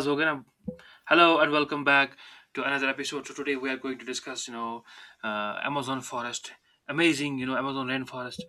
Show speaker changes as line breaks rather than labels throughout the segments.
Zogan. Hello and welcome back to another episode. So today we are going to discuss, Amazon forest, amazing, Amazon rainforest,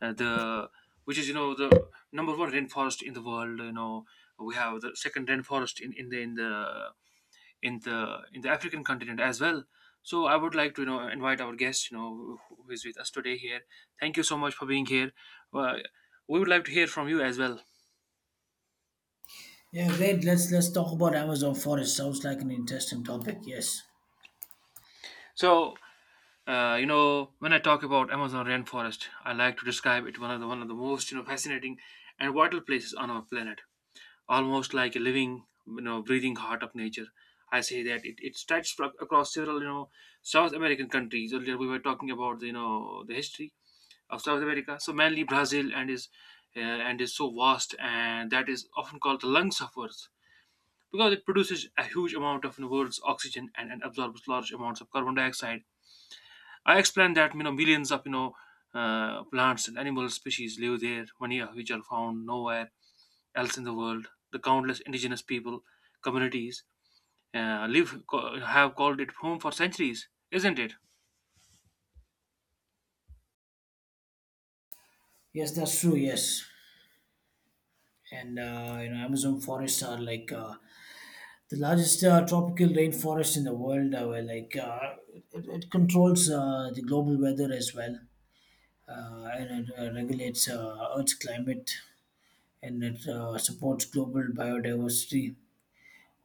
the which is you know the number one rainforest in the world. You know, we have the second rainforest in the in the in the in the African continent as well. So I would like to invite our guest, who is with us today here. Thank you so much for being here. Uh, we would like to hear from you as well.
Yeah, great. Let's talk about Amazon forest. Sounds like an interesting topic. Yes,
So you know, when I talk about Amazon rainforest, I like to describe it one of the most fascinating and vital places on our planet, almost like a living breathing heart of nature. I say that it stretches across several South American countries. Earlier we were talking about the, the history of South America, so mainly Brazil and is so vast and that is often called the lungs of Earth because it produces a huge amount of the world's oxygen and absorbs large amounts of carbon dioxide. I explained that millions of plants and animal species live there, many of which are found nowhere else in the world. The countless indigenous people communities have called it home for centuries, isn't it?
yes, that's true. Yes, and Amazon forests are like the largest tropical rainforest in the world. Where it controls the global weather as well, and it regulates Earth's climate, and it supports global biodiversity.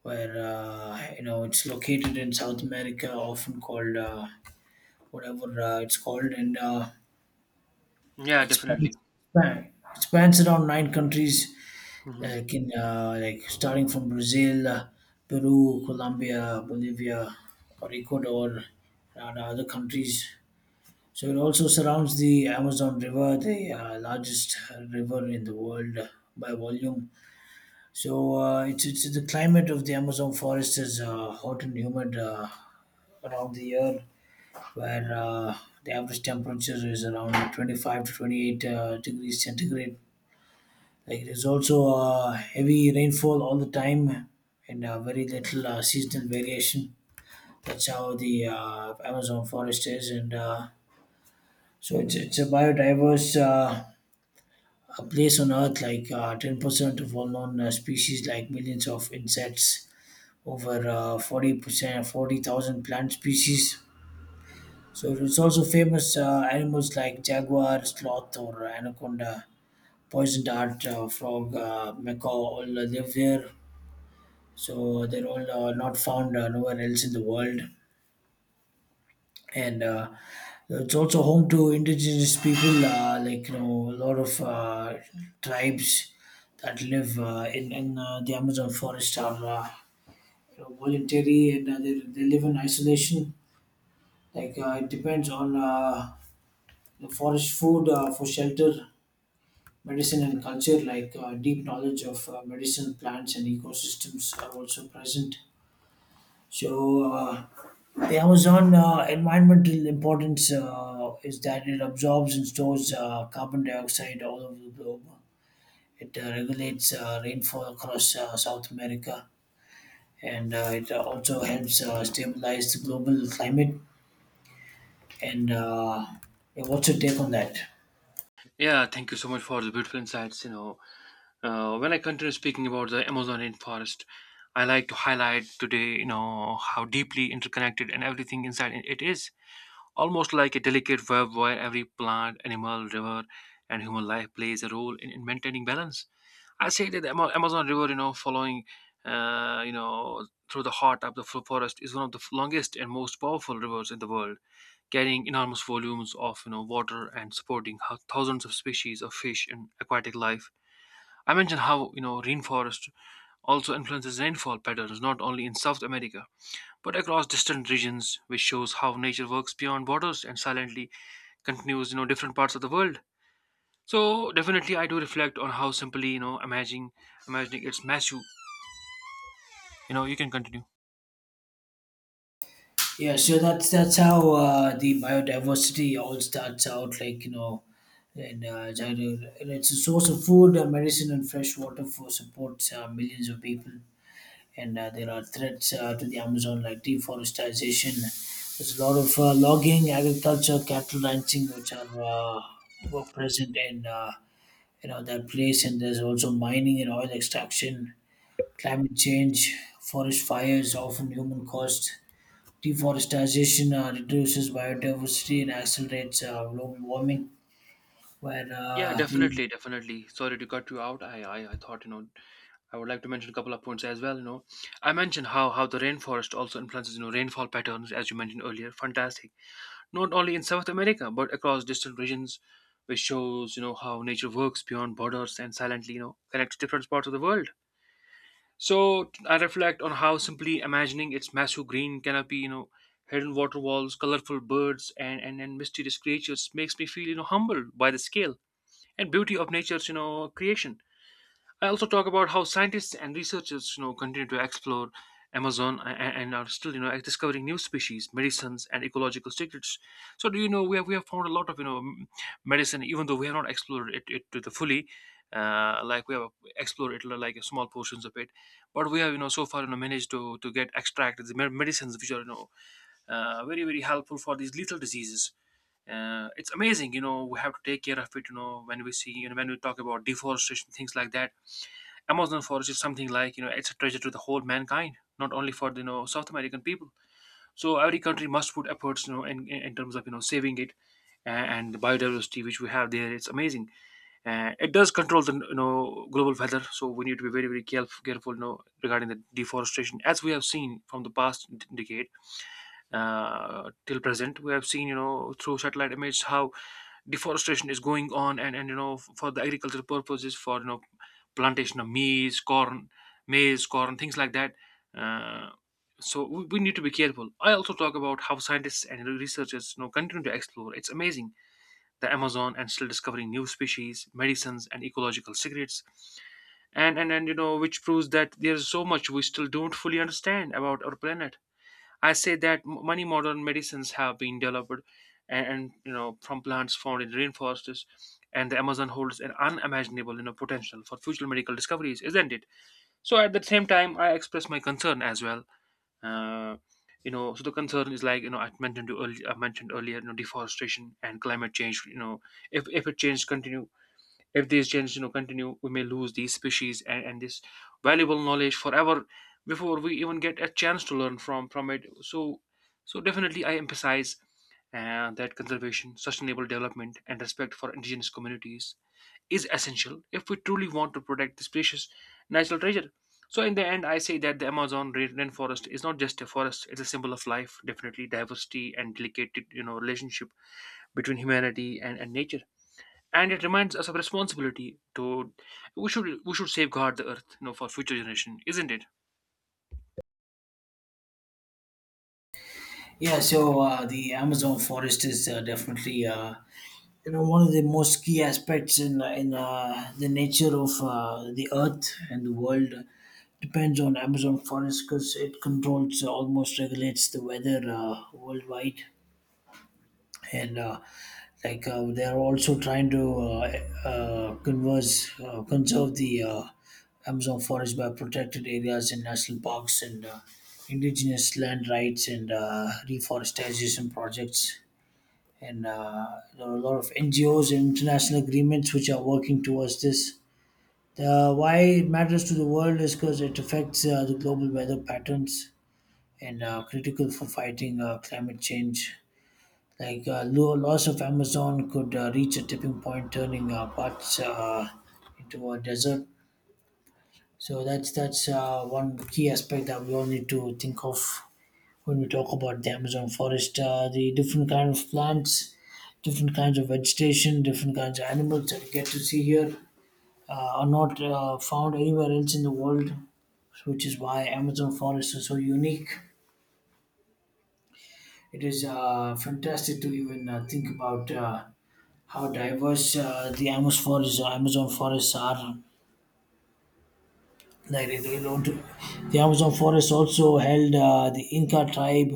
Where it's located in South America, often called whatever it's called, and uh,
Yeah,
It spans,
definitely.
span- spans around nine countries,
Hmm.
like starting from Brazil, Peru, Colombia, Bolivia, or Ecuador, and other countries. So it also surrounds the Amazon River, the largest river in the world by volume. So it's the climate of the Amazon forest is hot and humid around the year, where the average temperature is around 25 to 28 degrees centigrade. Like there's also heavy rainfall all the time and very little seasonal variation. That's how the Amazon forest is, and so it's a biodiverse a place on Earth. Like 10% of all known species, like millions of insects, over 40%, 40,000 plant species. So it's also famous animals like jaguar, sloth, or anaconda, poison dart, frog, macaw all live there, so they're all not found nowhere else in the world, and it's also home to indigenous people, like a lot of tribes that live in the Amazon forest are you know, voluntary, and they live in isolation, like it depends on the forest food for shelter, medicine, and culture. Like deep knowledge of medicine plants and ecosystems are also present. So the Amazon environmental importance is that it absorbs and stores carbon dioxide all over the globe. It regulates rainfall across South America, and it also helps stabilize the global climate. And yeah, what's your take on that?
Yeah, thank you so much for the beautiful insights. You know, when I continue speaking about the Amazon rainforest, I like to highlight today, you know, how deeply interconnected and everything inside it is, almost like a delicate web where every plant, animal, river, and human life plays a role in maintaining balance. I say that the Amazon River, you know, following, through the heart of the forest is one of the longest and most powerful rivers in the world, carrying enormous volumes of, you know, water and supporting thousands of species of fish and aquatic life. I mentioned how, you know, rainforest also influences rainfall patterns not only in South America, but across distant regions, which shows how nature works beyond borders and silently continues, you know, different parts of the world. So definitely I do reflect on how simply, you know, imagining it's match you, you know, you can continue.
Yeah, so that's how the biodiversity all starts out. Like and and it's a source of food, medicine, and fresh water for supports millions of people. And there are threats to the Amazon, like deforestation. There's a lot of logging, agriculture, cattle ranching, which are were present in that place, and there's also mining and oil extraction, climate change, forest fires, often human caused. Deforestation reduces biodiversity and accelerates global warming. Where
Yeah,
the
definitely, sorry to cut you out. I thought, you know, I would like to mention a couple of points as well. You know, I mentioned how the rainforest also influences, you know, rainfall patterns as you mentioned earlier. Fantastic. Not only in South America but across distant regions, which shows, you know, how nature works beyond borders and silently, you know, connects different parts of the world. So I reflect on how simply imagining its massive green canopy, you know, hidden water walls, colorful birds, and mysterious creatures makes me feel, you know, humbled by the scale and beauty of nature's, you know, creation. I also talk about how scientists and researchers, you know, continue to explore Amazon and are still, you know, discovering new species, medicines, and ecological secrets. So, do you know, we have found a lot of, you know, medicine, even though we have not explored it to the fully. Like we have explored it like small portions of it, but we have, you know, so far, you know, managed to get extract the medicines which are, you know, very helpful for these lethal diseases. It's amazing, you know, we have to take care of it, you know, when we see, you know, when we talk about deforestation, things like that. Amazon forest is something like, you know, it's a treasure to the whole mankind, not only for the, you know, South American people. So every country must put efforts, you know, in terms of, you know, saving it, uh, and the biodiversity which we have there. It's amazing. It does control the, you know, global weather, so we need to be very careful, you know, regarding the deforestation, as we have seen from the past decade till present. We have seen, you know, through satellite images how deforestation is going on, and you know, for the agricultural purposes, for, you know, plantation of maize corn, things like that. uh, so we need to be careful. I also talk about how scientists and researchers, you know, continue to explore. It's amazing, the Amazon, and still discovering new species, medicines, and ecological secrets, and you know, which proves that there's so much we still don't fully understand about our planet. I say that many modern medicines have been developed, and you know, from plants found in rainforests, and the Amazon holds an unimaginable, you know, potential for future medical discoveries, isn't it? So at the same time, I express my concern as well. Uh, you know, so the concern is like, you know, I mentioned earlier, you know, deforestation and climate change. You know, if if it change continue, if these changes, you know, continue, we may lose these species, and this valuable knowledge forever before we even get a chance to learn from it. So so definitely I emphasize that conservation, sustainable development, and respect for indigenous communities is essential if we truly want to protect this precious natural treasure. So, in the end, I say that the rainforest is not just a forest; it's a symbol of life, definitely diversity and delicate, you know, relationship between humanity and nature, and it reminds us of responsibility to, we should safeguard the earth, you know, for future generation, isn't it?
Yeah, so the Amazon forest is definitely one of the most key aspects in the nature of the earth, and the world depends on Amazon forest because it controls almost regulates the weather worldwide. And they are also trying to conserve the Amazon forest by protected areas and national parks, and indigenous land rights, and reforestation projects. And there are a lot of NGOs and international agreements which are working towards this. Why it matters to the world is because it affects the global weather patterns and critical for fighting climate change. Like loss of Amazon could reach a tipping point, turning parts into a desert. So that's one key aspect that we all need to think of when we talk about the Amazon forest. The different kind of plants, different kinds of vegetation, different kinds of animals that you get to see here are not found anywhere else in the world, which is why Amazon forests are so unique. It is fantastic to even think about how diverse the Amazon forests are. Nigerian Railroad. The Amazon forest also held the Inca tribe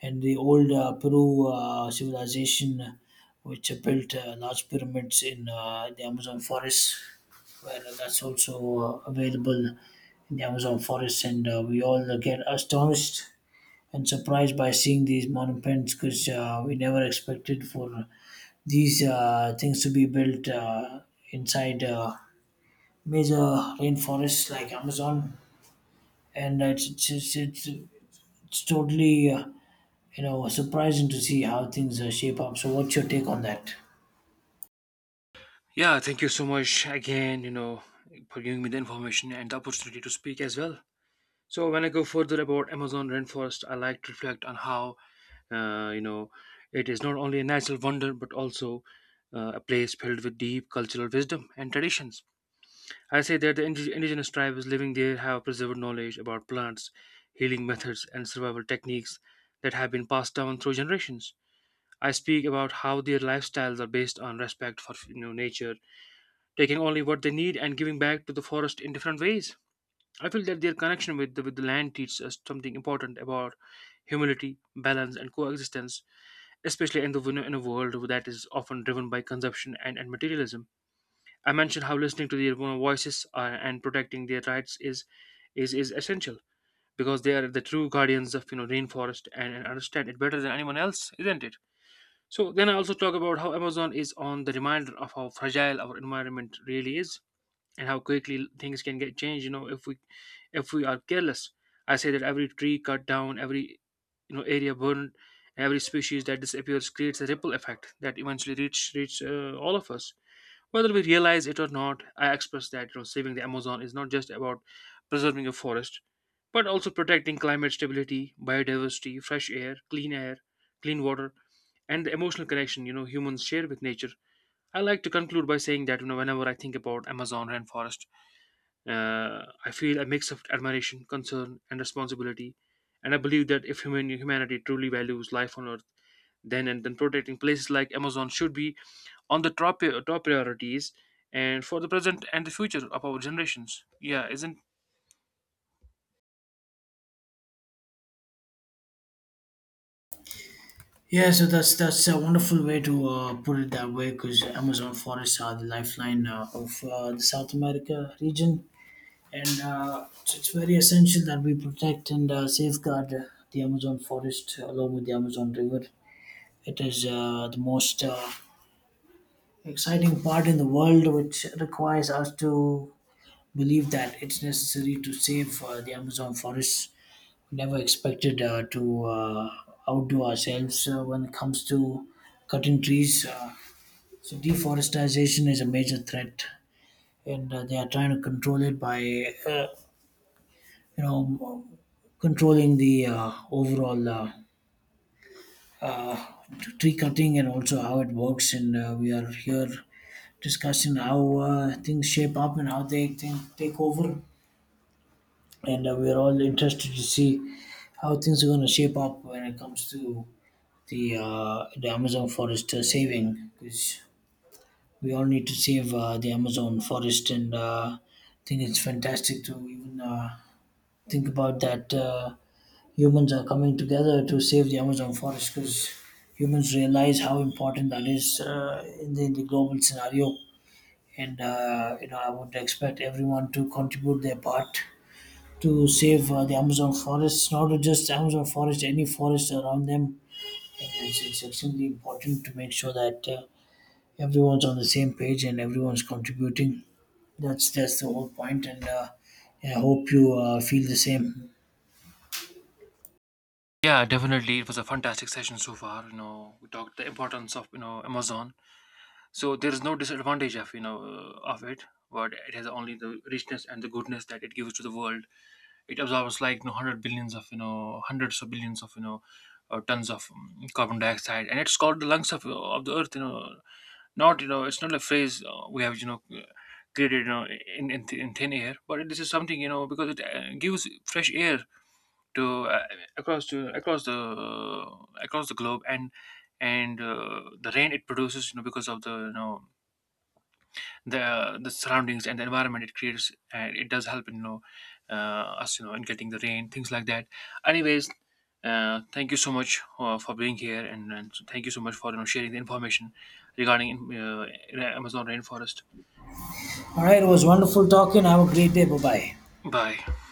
and the old Peru civilization, which built large pyramids in the Amazon forest. Well, that's also available in the Amazon forest, and we all get astonished and surprised by seeing these monuments because we never expected for these things to be built inside major rainforests like Amazon. And it's totally surprising to see how things shape up. So, what's your take on that?
Yeah, thank you so much again, you know, for giving me the information and the opportunity to speak as well. So when I go further about Amazon rainforest, I like to reflect on how you know, it is not only a natural wonder but also a place filled with deep cultural wisdom and traditions. I say that the indigenous tribes living there have preserved knowledge about plants, healing methods, and survival techniques that have been passed down through generations. I speak about how their lifestyles are based on respect for, you know, nature, taking only what they need and giving back to the forest in different ways. I feel that their connection with the land teaches us something important about humility, balance, and coexistence, especially in the in a world that is often driven by consumption and materialism. I mentioned how listening to their own voices and protecting their rights is essential because they are the true guardians of, you know, rainforest, and understand it better than anyone else, isn't it? So then I also talk about how Amazon is on the reminder of how fragile our environment really is and how quickly things can get changed. You know, if we are careless, I say that every tree cut down, every, you know, area burned, every species that disappears creates a ripple effect that eventually reach reach all of us, whether we realize it or not. I express that, you know, saving the Amazon is not just about preserving a forest, but also protecting climate stability, biodiversity, fresh air, clean water, and the emotional connection, you know, humans share with nature. I like to conclude by saying that, you know, whenever I think about Amazon rainforest, I feel a mix of admiration, concern, and responsibility, and I believe that if humanity truly values life on Earth, then protecting places like Amazon should be on the top priorities and for the present and the future of our generations. Yeah, isn't.
Yeah, so that's a wonderful way to put it that way, because Amazon forests are the lifeline of the South America region, and it's very essential that we protect and safeguard the Amazon forest along with the Amazon River. It is the most exciting part in the world, which requires us to believe that it's necessary to save the Amazon forests. We never expected to outdo ourselves when it comes to cutting trees. So deforestation is a major threat, and they are trying to control it by, uh, you know, controlling the overall uh, tree cutting, and also how it works. And we are here discussing how things shape up and how they think, take over. And we're all interested to see how things are going to shape up when it comes to the Amazon forest saving, because we all need to save the Amazon forest. And I think it's fantastic to even think about that humans are coming together to save the Amazon forest, because humans realize how important that is in the global scenario. And I would expect everyone to contribute their part to save the Amazon forests, not just Amazon forest, any forest around them. And it's extremely important to make sure that everyone's on the same page and everyone's contributing. That's the whole point, and I hope you feel the same.
Yeah, definitely. It was a fantastic session so far. You know, we talked the importance of, you know, Amazon. So there is no disadvantage of, you know, of it, but it has only the richness and the goodness that it gives to the world. It absorbs like, you know, hundreds of billions of, you know, tons of carbon dioxide, and it's called the lungs of the earth. You know, it's not a phrase we have, you know, created, you know, in in thin air, but this is something, you know, because it gives fresh air to across the globe and the rain it produces, you know, because of the, you know, the surroundings and the environment it creates, and it does help in, you know, uh, us, you know, in getting the rain, things like that. Anyways, thank you so much for being here, and thank you so much for, you know, sharing the information regarding Amazon rainforest.
All right, it was wonderful talking. Have a great day. Bye bye.
Bye.